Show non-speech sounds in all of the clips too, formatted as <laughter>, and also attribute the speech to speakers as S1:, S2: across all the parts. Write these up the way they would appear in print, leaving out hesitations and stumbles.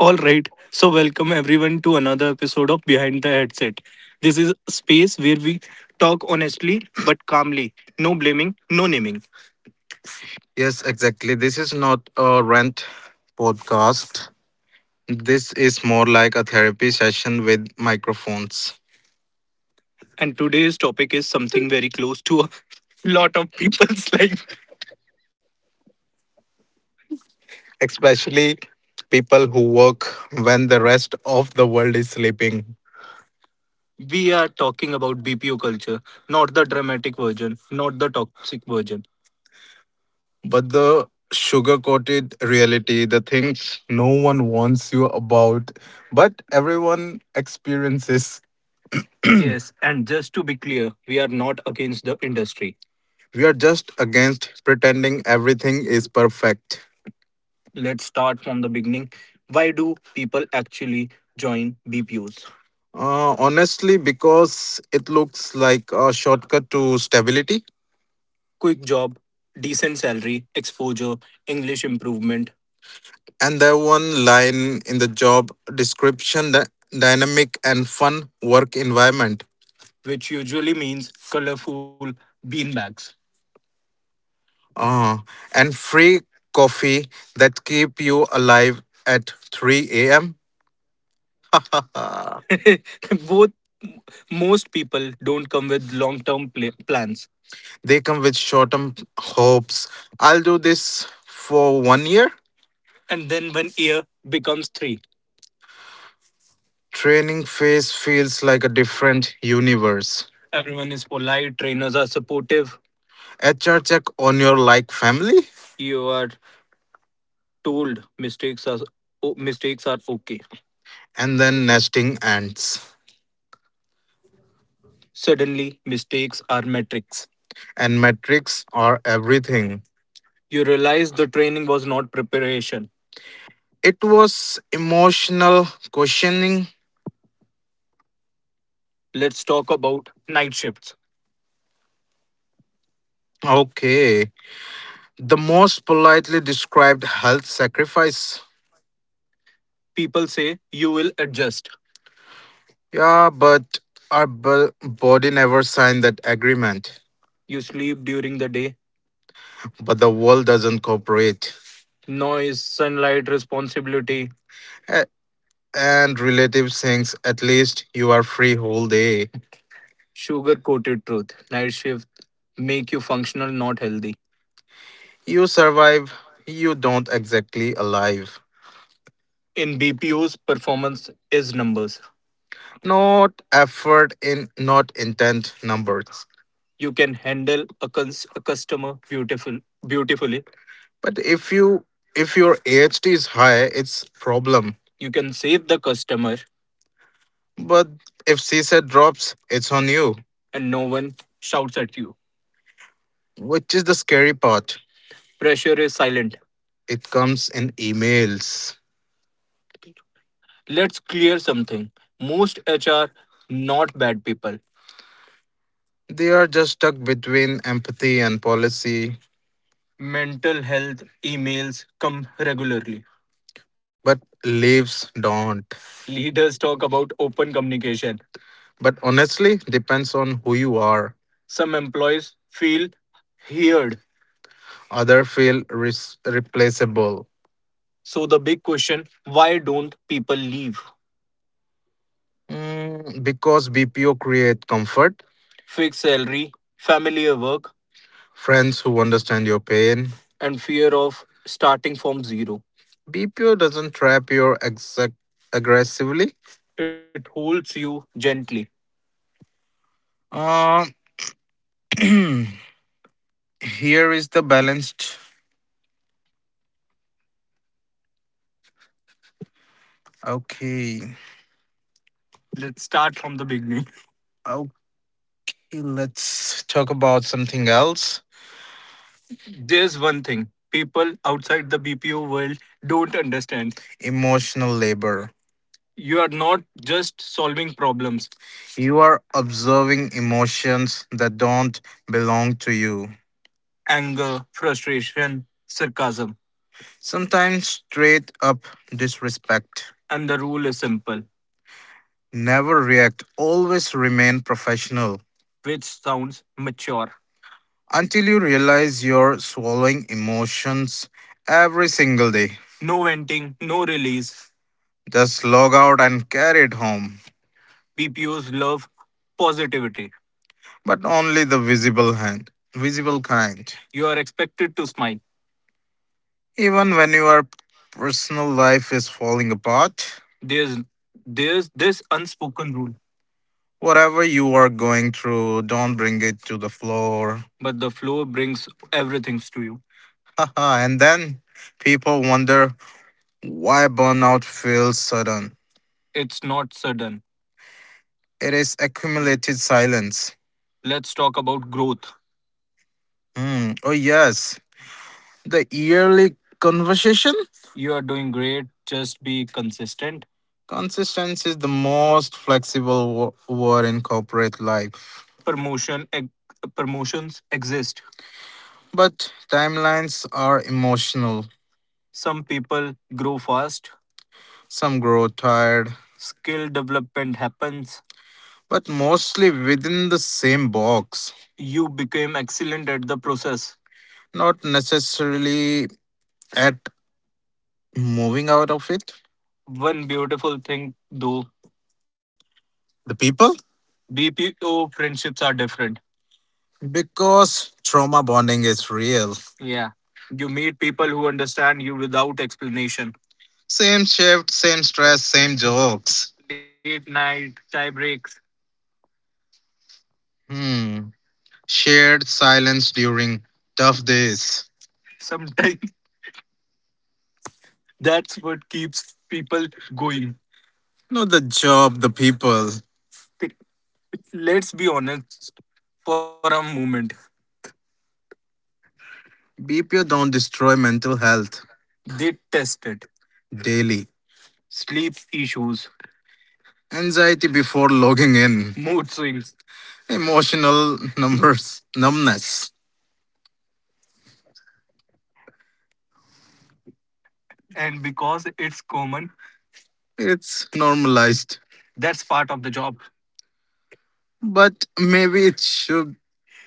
S1: All right, so welcome everyone to another episode of Behind the Headset. This is a space where we talk honestly but calmly. No blaming, no naming. Yes, exactly. This is not a rant podcast. This is more like a therapy session with microphones. And today's topic is something very close to a lot of people's <laughs> life. Especially people who work when the rest of the world is sleeping. We are talking about BPO culture, not the dramatic version, not the toxic version. But the sugar coated reality, the thing no one wants you about, but everyone experiences. <clears throat> Yes, and just to be clear, we are not against the industry. We are just against pretending everything is perfect. Let's start from the beginning. Why do people actually join BPOs? Honestly, because it looks like a shortcut to stability. Quick job, decent salary, exposure, English improvement. And the one line in the job description, the dynamic and fun work environment, which usually means colorful beanbags. Uh, and free coffee that keep you alive at 3 a.m. <laughs> Both most people don't come with long-term plans. They come with short term hopes. I'll do this for 1 year. And then when year becomes three, training phase feels like a different universe. Everyone is polite, trainers are supportive, HR check on your like family, you are told mistakes are mistakes are okay. And then nesting ants. Suddenly, mistakes are metrics. And metrics are everything. You realize the training was not preparation. It was emotional questioning. Let's talk about night shifts. Okay. The most politely described health sacrifice. People say you will adjust. Yeah, but our body never signed that agreement. You sleep during the day but the world doesn't cooperate. Noise, sunlight, responsibility. A- And relative thinks at least you are free whole day. Sugar coated truth, night shift, make you functional, not healthy. You survive, you don't exactly alive. In BPOs, performance is numbers. Not effort in, not intent numbers. You can handle a customer beautifully. But if your AHT is high, it's problem. You can save the customer, but if CSAT drops, it's on you, and no one shouts at you, which is the scary part. Pressure is silent. It comes in emails. Let's clear something. Most HR not bad people. They are just stuck between empathy and policy. Mental health emails come regularly. But leaves don't. Leaders talk about open communication. But honestly, depends on who you are. Some employees feel heard. Other feel replaceable. So, the big question, why don't people leave? Because BPO create comfort, fixed salary, familiar work, friends who understand your pain, and fear of starting from zero. BPO doesn't trap you exact aggressively. It holds you gently. Uh, Here is the balanced. Okay. Let's start from the beginning. Okay, let's talk about something else. There's one thing people outside the BPO world don't understand. Emotional labor. You are not just solving problems. You are observing emotions that don't belong to you. Anger, frustration, sarcasm. Sometimes straight up disrespect. And the rule is simple, never react, always remain professional, which sounds mature. Until you realize you're swallowing emotions every single day. No venting, no release. Just log out and carry it home. BPOs love positivity, but only the visible kind. You are expected to smile. Even when your personal life is falling apart, There's there's this unspoken rule, whatever you are going through, don't bring it to the floor. But the floor brings everything to you. Haha, and then people wonder why burnout feels sudden. It's not sudden. It is accumulated silence. Let's talk about growth. Hmm. Oh, yes. The yearly conversation? You are doing great, just be consistent. Consistency is the most flexible word in corporate life. Promotions exist. But timelines are emotional. Some people grow fast, some grow tired. Skill development happens, but mostly within the same box. You became excellent at the process, not necessarily at moving out of it. One beautiful thing, though, the people? BPO friendships are different. Because trauma bonding is real. Yeah. You meet people who understand you without explanation. Same shift, same stress, same jokes. Late night, tie breaks. Hmm. Shared silence during tough days. Sometimes <laughs> that's what keeps people going. Not the job, the people. <laughs> Let's be honest for a moment. BPO don't destroy mental health, they test it. Daily. Sleep issues, anxiety before logging in, mood swings, emotional <laughs> numbness. And because it's common, it's normalized. That's part of the job. But maybe it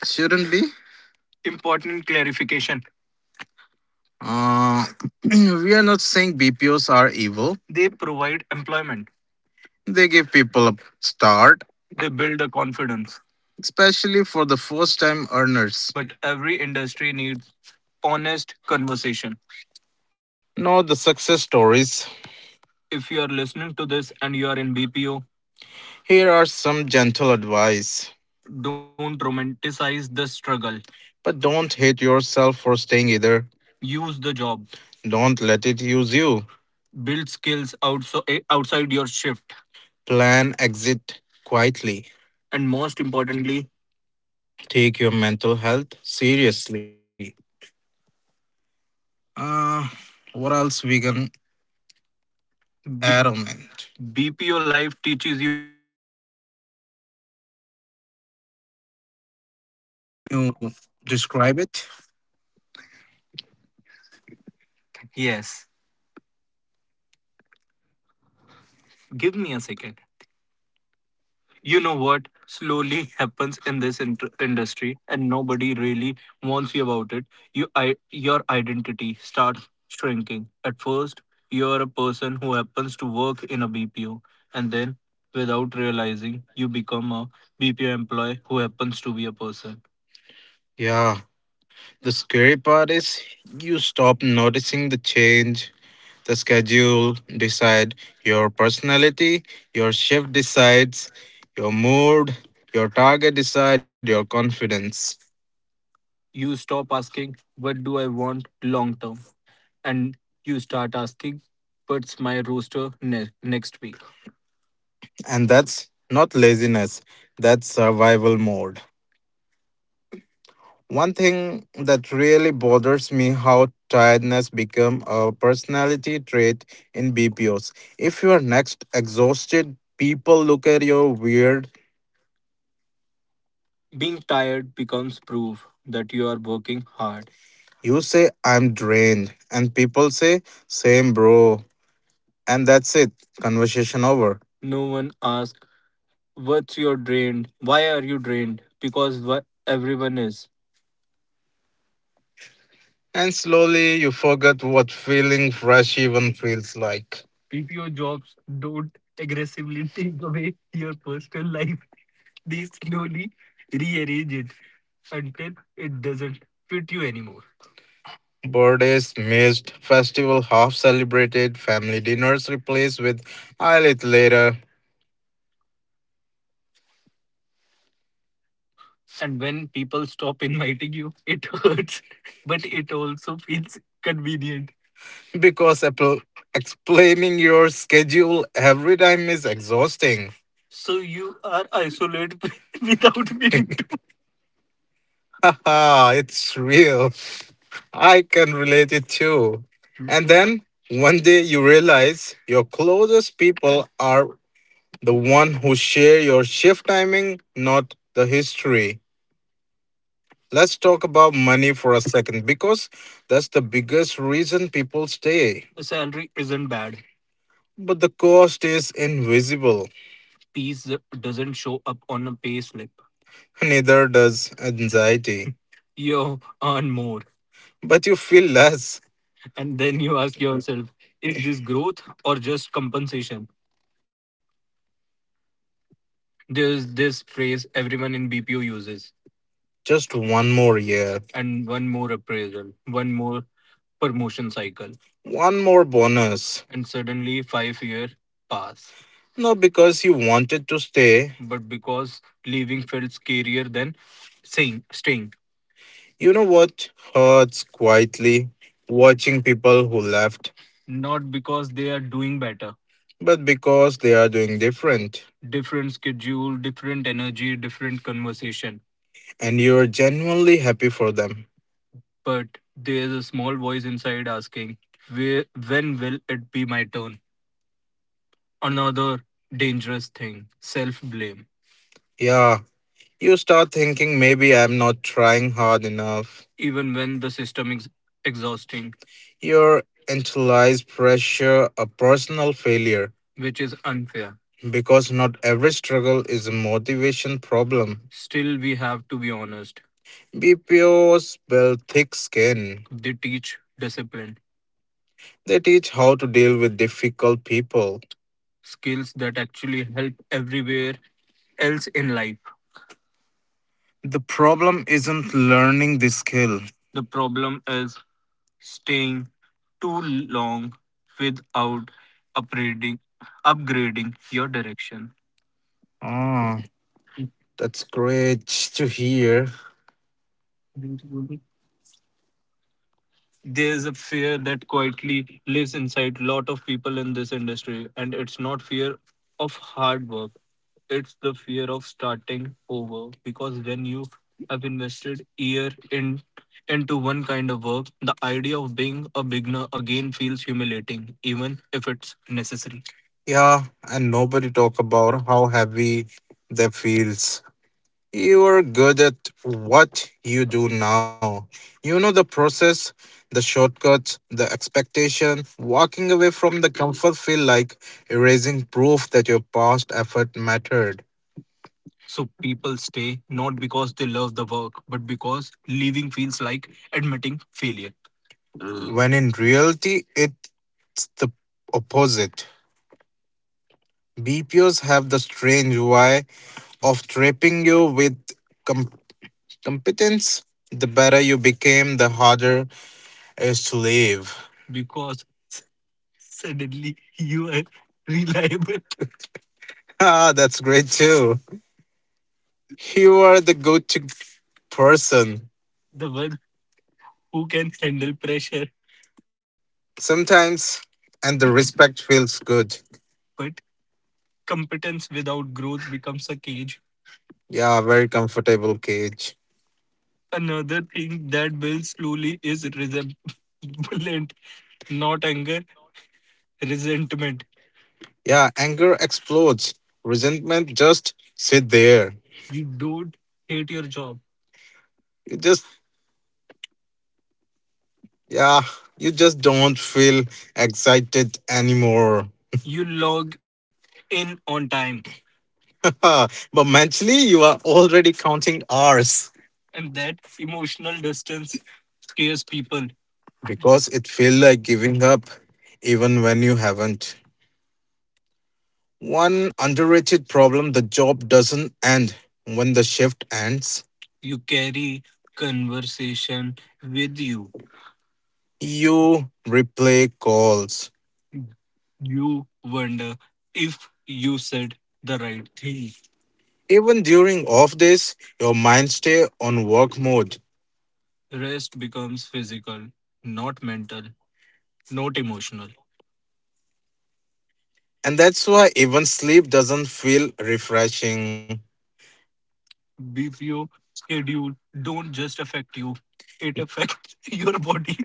S1: shouldn't be. Important clarification. Uh, <clears throat> we are not saying BPOs are evil. They provide employment. They give people a start, they build the confidence. Especially for the first-time earners. But every industry needs honest conversation. Not the success stories. If you are listening to this and you are in BPO, here are some gentle advice. Don't romanticize the struggle. But don't hate yourself for staying either. Use the job. Don't let it use you. Build skills outside your shift. Plan exit quietly. And most importantly, take your mental health seriously. Uh, what else we can add on it? BPO life teaches
S2: You describe it? Yes. Give me a second. You know what slowly <laughs> happens in this industry, and nobody really warns you about it. Your identity starts shrinking. At first, you're a person who happens to work in a BPO, and then, without realizing, you become a BPO employee who happens to be a person. Yeah. The scary part is you stop noticing the change. The schedule decide your personality, your shift decides your mood, your target decide your confidence. You stop asking, what do I want long term? And you start asking, what's my roster next week? And that's not laziness, that's survival mode. One thing that really bothers me how tiredness become a personality trait in BPOs. If you are next exhausted, people look at you weird. Being tired becomes proof that you are working hard. You say I'm drained and people say same bro and that's it. Conversation over. No one asks, what's your drained? Why are you drained? Because everyone is. And slowly you forget what feeling fresh even feels like. PPO jobs don't aggressively <laughs> take away your personal life. They slowly rearrange it until it doesn't fit you anymore. Birthdays missed, festival half celebrated, family dinners replaced with I'll eat later. And when people stop inviting you, it hurts, <laughs> but it also feels convenient, because explaining your schedule every time is exhausting. So you are isolated <laughs> without meaning to. <laughs> Haha, it's real. I can relate it too. And then one day you realize your closest people are the one who share your shift timing, not the history. Let's talk about money for a second, because that's the biggest reason people stay. The salary isn't bad. But the cost is invisible. Peace doesn't show up on a pay slip. Neither does anxiety. <laughs> You earn more. But you feel less. And then you ask yourself, is this growth or just compensation? There's this phrase everyone in bpo uses: just one more year, and one more appraisal, one more promotion cycle, one more bonus. And suddenly 5 years pass. Not because you wanted to stay. But because leaving felt scarier than saying staying. You know what hurts quietly? Watching people who left, not because they are doing better, but because they are doing different. Different schedule, different energy, different conversation, and you're genuinely happy for them. But there's a small voice inside asking, "Where, when will it be my turn?" Another dangerous thing, self blame. Yeah, you start thinking maybe I'm not trying hard enough. Even when the system is exhausting, your internalized pressure a personal failure, which is unfair, because not every struggle is a motivation problem. Still, we have to be honest. BPOs build thick skin. They teach discipline. They teach how to deal with difficult people. Skills that actually help everywhere else in life. The problem isn't learning the skill. The problem is staying too long without upgrading, upgrading your direction. Ah, that's great to hear. There's a fear that quietly lives inside lot of people in this industry, and it's not fear of hard work, it's the fear of starting over, because when you have invested year in into one kind of work, the idea of being a beginner again feels humiliating, even if it's necessary. Yeah, and nobody talk about how heavy that feels. You are good at what you do now. You know the process, the shortcuts, the expectation. Walking away from the comfort feel like erasing proof that your past effort mattered. So people stay not because they love the work, but because leaving feels like admitting failure. When in reality, it's the opposite. BPOs have the strange why of trapping you with competence. The better you became, the harder it is to leave, because suddenly you are reliable. <laughs> Ah, that's great too. You are the go-to person, the one who can handle pressure, sometimes, and the respect feels good. But competence without growth becomes a cage. Yeah, very comfortable cage. Another thing that builds slowly is resentment, <laughs> not anger, resentment. Yeah, anger explodes. Resentment just sit there. You don't hate your job. You just yeah, you just don't feel excited anymore. <laughs> You log in on time, <laughs> but mentally you are already counting hours. And that emotional distance scares people, because it feels like giving up even when you haven't. One underrated problem, the job doesn't end when the shift ends. You carry conversation with you. You replay calls. You wonder if you said the right thing. Even during off days, your mind stays on work mode. Rest becomes physical, not mental, not emotional. And that's why even sleep doesn't feel refreshing. BPO schedule don't just affect you, it affects <laughs> your body.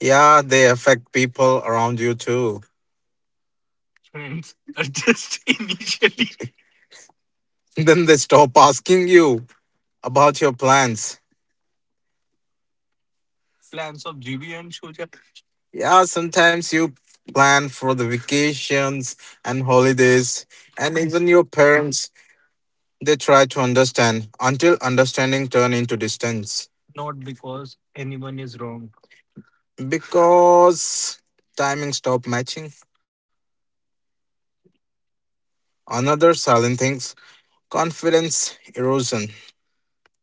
S2: Yeah, they affect people around you too. Friends are just <laughs> initially. Then they stop asking you about your plans. Plans of GB and Shoja. Yeah, sometimes you plan for the vacations and holidays, and even your parents, they try to understand until understanding turn into distance. Not because anyone is wrong. Because timing stopped matching. Another silent things, confidence erosion.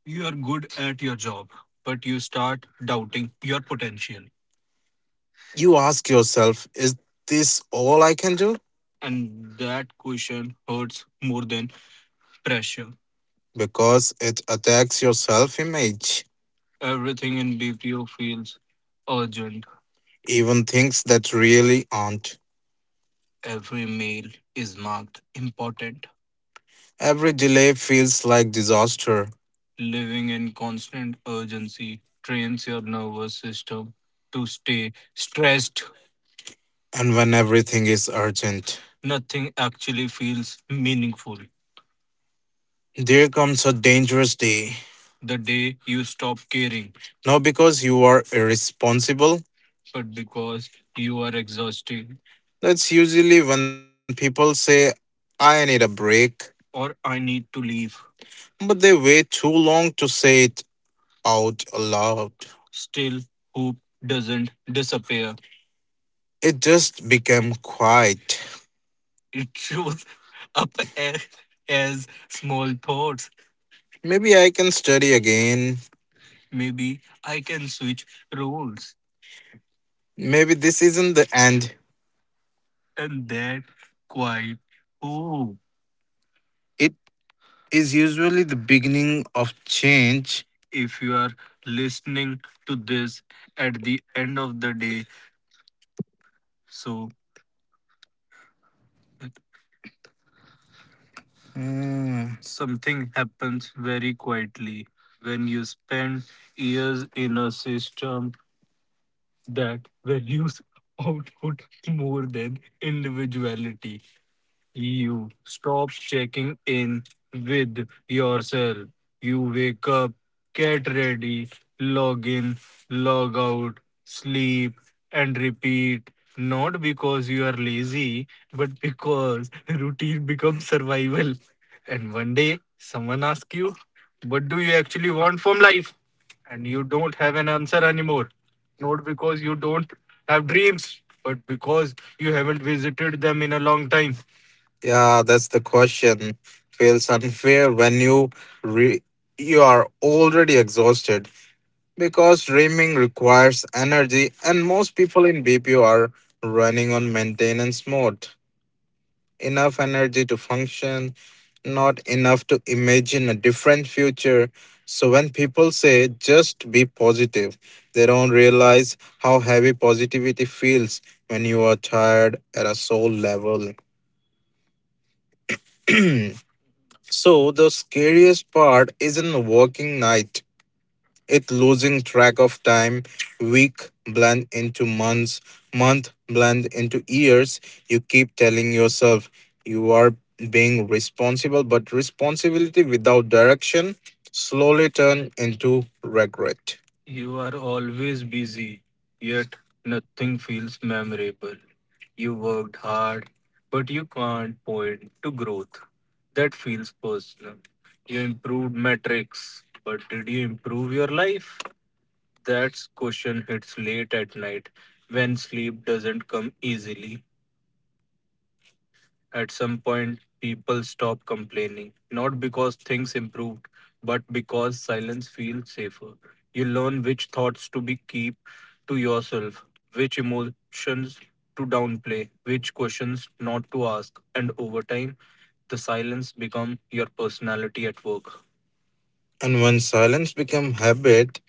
S2: You are good at your job, but you start doubting your potential. You ask yourself, is this all I can do? And that question hurts more than pressure. Because it attacks your self image. Everything in BPO feels urgent. Even things that really aren't. Every mail is marked important. Every delay feels like disaster. Living in constant urgency trains your nervous system to stay stressed. And when everything is urgent, nothing actually feels meaningful. There comes a dangerous day. The day you stop caring, not because you are irresponsible, but because you are exhausted. That's usually when people say, I need a break, or I need to leave, but they wait too long to say it out loud. Still, hope doesn't disappear. It just became quiet. It shows up a- as small thoughts. Maybe I can study again. Maybe I can switch roles. Maybe this isn't the end. And that quiet hope, it is usually the beginning of change. If you are listening to this at the end of the day, so Hmm. something happens very quietly when you spend years in a system that values output more than individuality. You stop checking in with yourself. You wake up, get ready, log in, log out, sleep, and repeat. Not because you are lazy, but because <laughs> routine becomes survival. And one day, someone asks you, what do you actually want from life? And you don't have an answer anymore. Not because you don't have dreams, but because you haven't visited them in a long time. Yeah, that's the question. Feels unfair when you re- you are already exhausted, because dreaming requires energy, and most people in BPO are running on maintenance mode. Enough energy to function, not enough to imagine a different future. So when people say just be positive, they don't realize how heavy positivity feels when you are tired at a soul level. So the scariest part isn't working night. It's losing track of time. Week blend into months, month blend into years. You keep telling yourself you are being responsible, but responsibility without direction slowly turn into regret. You are always busy, yet nothing feels memorable. You worked hard, but you can't point to growth. That feels personal. You improved metrics, but did you improve your life? That's question hits late at night when sleep doesn't come easily. At some point, people stop complaining, not because things improved, but because silence feels safer. You learn which thoughts to be keep to yourself, which emotions to downplay, which questions not to ask, and over time, the silence become your personality at work. And when silence becomes habit,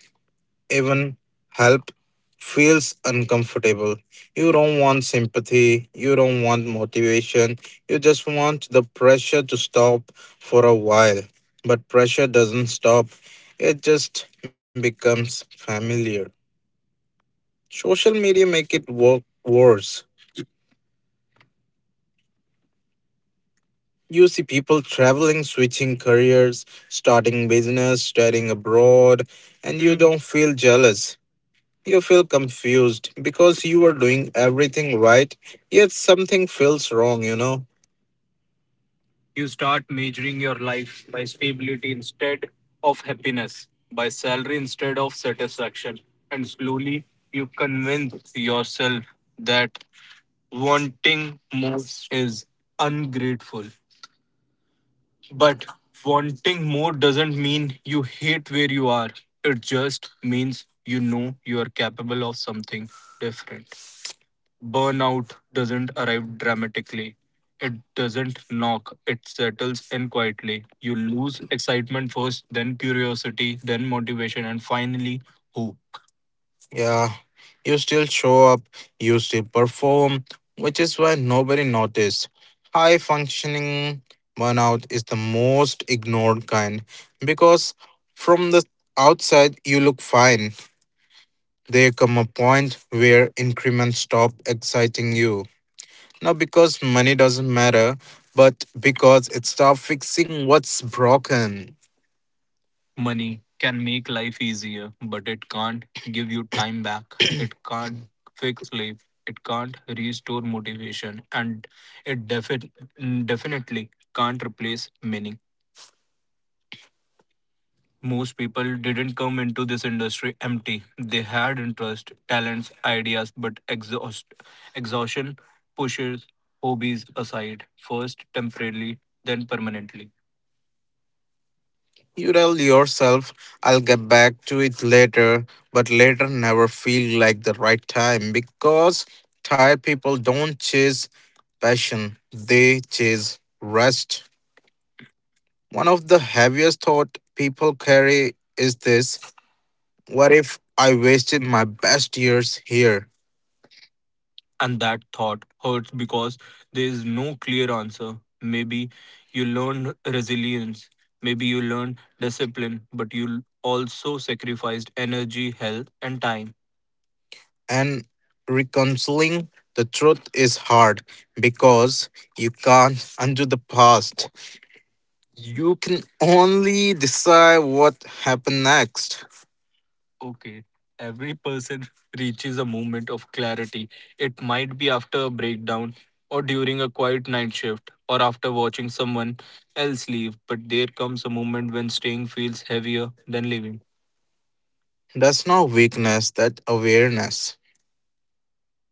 S2: even help feels uncomfortable. You don't want sympathy, you don't want motivation, you just want the pressure to stop for a while. But pressure doesn't stop, it just becomes familiar. Social media make it work worse. You see people traveling, switching careers, starting business, studying abroad, and you don't feel jealous. You feel confused because you are doing everything right, yet something feels wrong, you know. You start measuring your life by stability instead of happiness, by salary instead of satisfaction. And slowly you convince yourself that wanting more is ungrateful. But wanting more doesn't mean you hate where you are, it just means you know you are capable of something different. Burnout doesn't arrive dramatically. It doesn't knock, it settles in quietly. You lose excitement first, then curiosity, then motivation, and finally, hope. Yeah, you still show up, you still perform, which is why nobody noticed. High functioning burnout is the most ignored kind, because from the outside you look fine. There come a point where increments stop exciting you. Not because money doesn't matter, but because it about fixing what's broken. Money can make life easier, but it can't give you time back. It can't fix life. It can't restore motivation. And it defi- definitely can't replace meaning. Most people didn't come into this industry empty. They had interest, talents, ideas, but exhaustion pushes hobbies aside, first temporarily, then permanently. You tell yourself, I'll get back to it later, but later never feel like the right time, because tired people don't chase passion, they chase rest. One of the heaviest thought people carry is this: what if I wasted my best years here? And that thought hurts because there is no clear answer. Maybe you learned resilience, maybe you learned discipline, but you also sacrificed energy, health, and time. And reconciling the truth is hard because you can't undo the past. You can only decide what happened next. Okay. Every person reaches a moment of clarity. It might be after a breakdown, or during a quiet night shift, or after watching someone else leave, but there comes a moment when staying feels heavier than leaving. That's not weakness, that's awareness.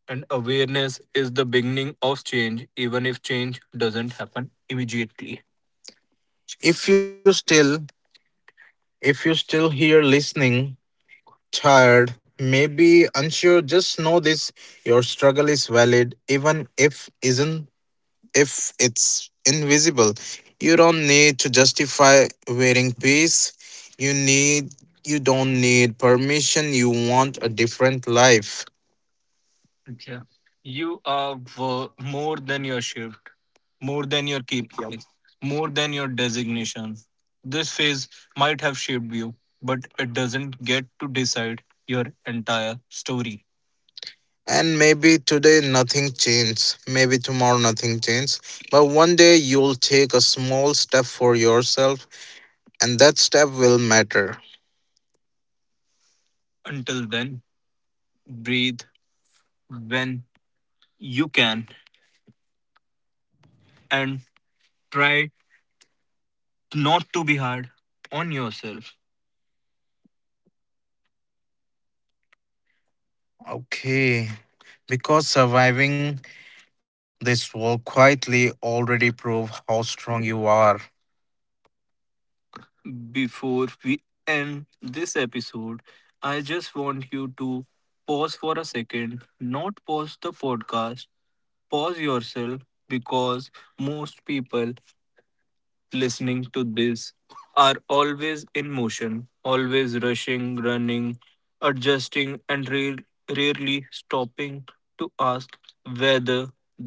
S2: And awareness is the beginning of change, even if change doesn't happen immediately. If you still if you still here listening, tired, maybe unsure, just know this: your struggle is valid even if isn't, if it's invisible. You don't need to justify wearing peace. You don't need permission. You want a different life. Yeah. More than your shift, more than your KPIs, more than your designation. This phase might have shaped you, but it doesn't get to decide your entire story. And maybe today nothing changes. Maybe tomorrow nothing changes. But one day you'll take a small step for yourself, and that step will matter. Until then, breathe when you can and try not to be hard on yourself. Okay. Because surviving this will quietly already prove how strong you are. Before we end this episode, I just want you to pause for a second, not pause the podcast, pause yourself, because most people listening to this are always in motion, always rushing, running, adjusting, and rarely stopping to ask whether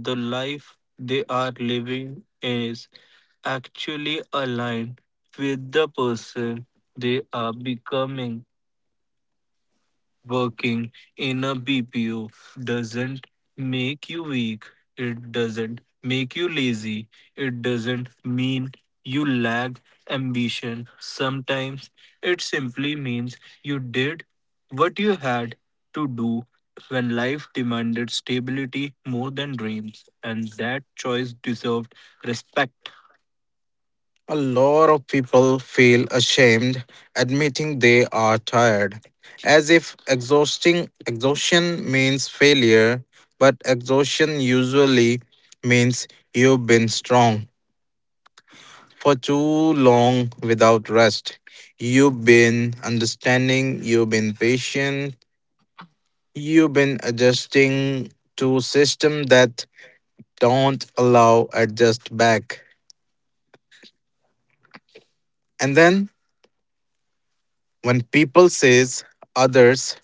S2: the life they are living is actually aligned with the person they are becoming. Working in a BPO doesn't make you weak. It doesn't make you lazy. It doesn't mean you lack ambition. Sometimes it simply means you did what you had to do when life demanded stability more than dreams, and that choice deserved respect. A lot of people feel ashamed admitting they are tired, as if exhausting exhaustion means failure, but exhaustion usually means you've been strong for too long without rest. You've been understanding, you've been patient, you've been adjusting to system that don't allow adjust back. And then when people says others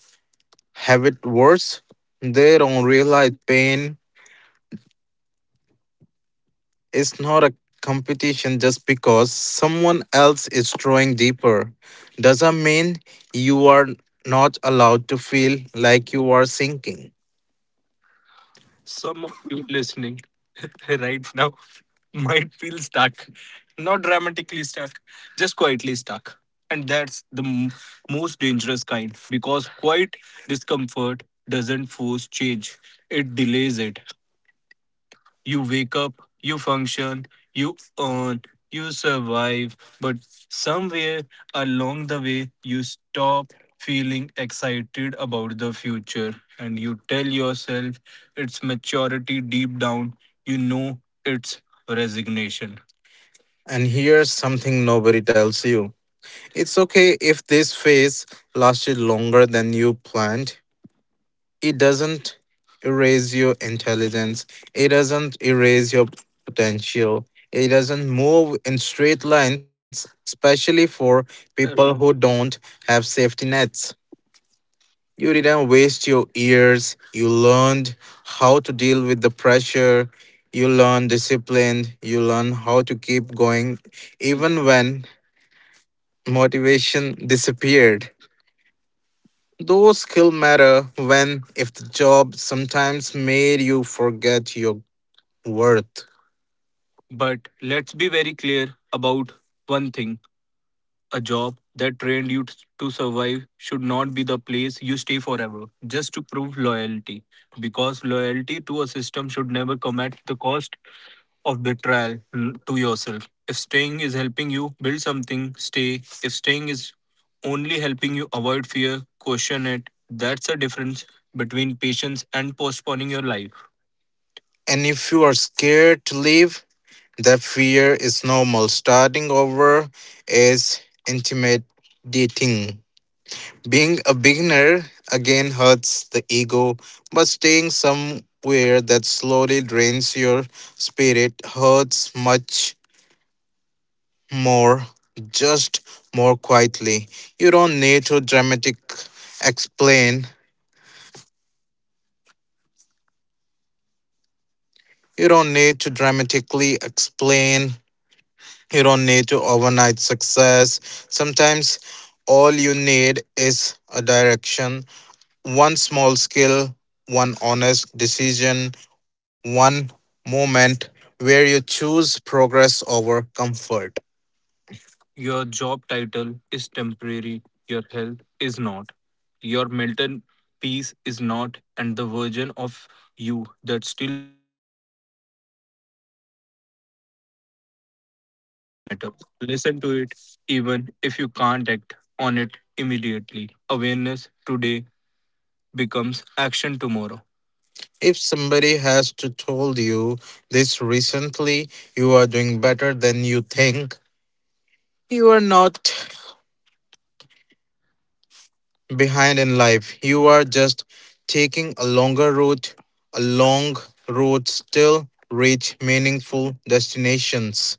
S2: have it worse. They don't realize pain is not a competition. Just because someone else is drawing deeper, doesn't mean you are not allowed to feel like you are sinking. Some of you listening <laughs> right now might feel stuck. Not dramatically stuck, just quietly stuck. And that's the most dangerous kind, because quiet discomfort doesn't force change, it delays it. You wake up, you function, you earn, you survive, but somewhere along the way, you stop feeling excited about the future, and you tell yourself it's maturity. Deep down, you know it's resignation. And here's something nobody tells you: it's okay if this phase lasted longer than you planned. It doesn't erase your intelligence, it doesn't erase your potential. It doesn't move in straight lines, especially for people who don't have safety nets. You didn't waste your years, you learned how to deal with the pressure, you learn discipline, you learn how to keep going even when motivation disappeared. Those skills matter, when if the job sometimes made you forget your worth. But let's be very clear about one thing: a job that trained you to survive should not be the place you stay forever just to prove loyalty. Because loyalty to a system should never come at the cost of betrayal, to yourself. If staying is helping you build something, stay. If staying is only helping you avoid fear, question it. That's the difference between patience and postponing your life. And if you are scared to leave, that fear is normal. Starting over is intimidating. Being a beginner again hurts the ego, but staying somewhere that slowly drains your spirit hurts much more, just more quietly. You don't need to dramatic explain. You don't need to dramatically explain. You don't need to overnight success. Sometimes all you need is a direction. One small skill, one honest decision, one moment where you choose progress over comfort. Your job title is temporary, your health is not. Your mental peace is not, and the version of you that still up, listen to it, even if you can't act on it immediately. Awareness today becomes action tomorrow. If somebody has to told you this recently, you are doing better than you think. You are not behind in life. You are just taking a longer route, a long route still reach meaningful destinations.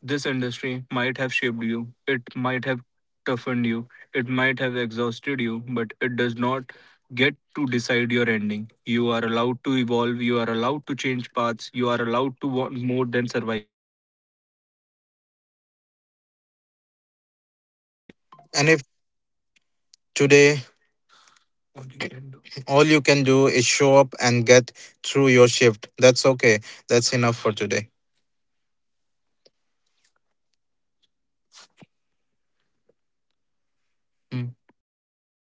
S2: This industry might have shaped you, it might have toughened you, it might have exhausted you, but it does not get to decide your ending. You are allowed to evolve, you are allowed to change paths, you are allowed to want more than survive. And if today all you can do is show up and get through your shift, that's okay. That's enough for today.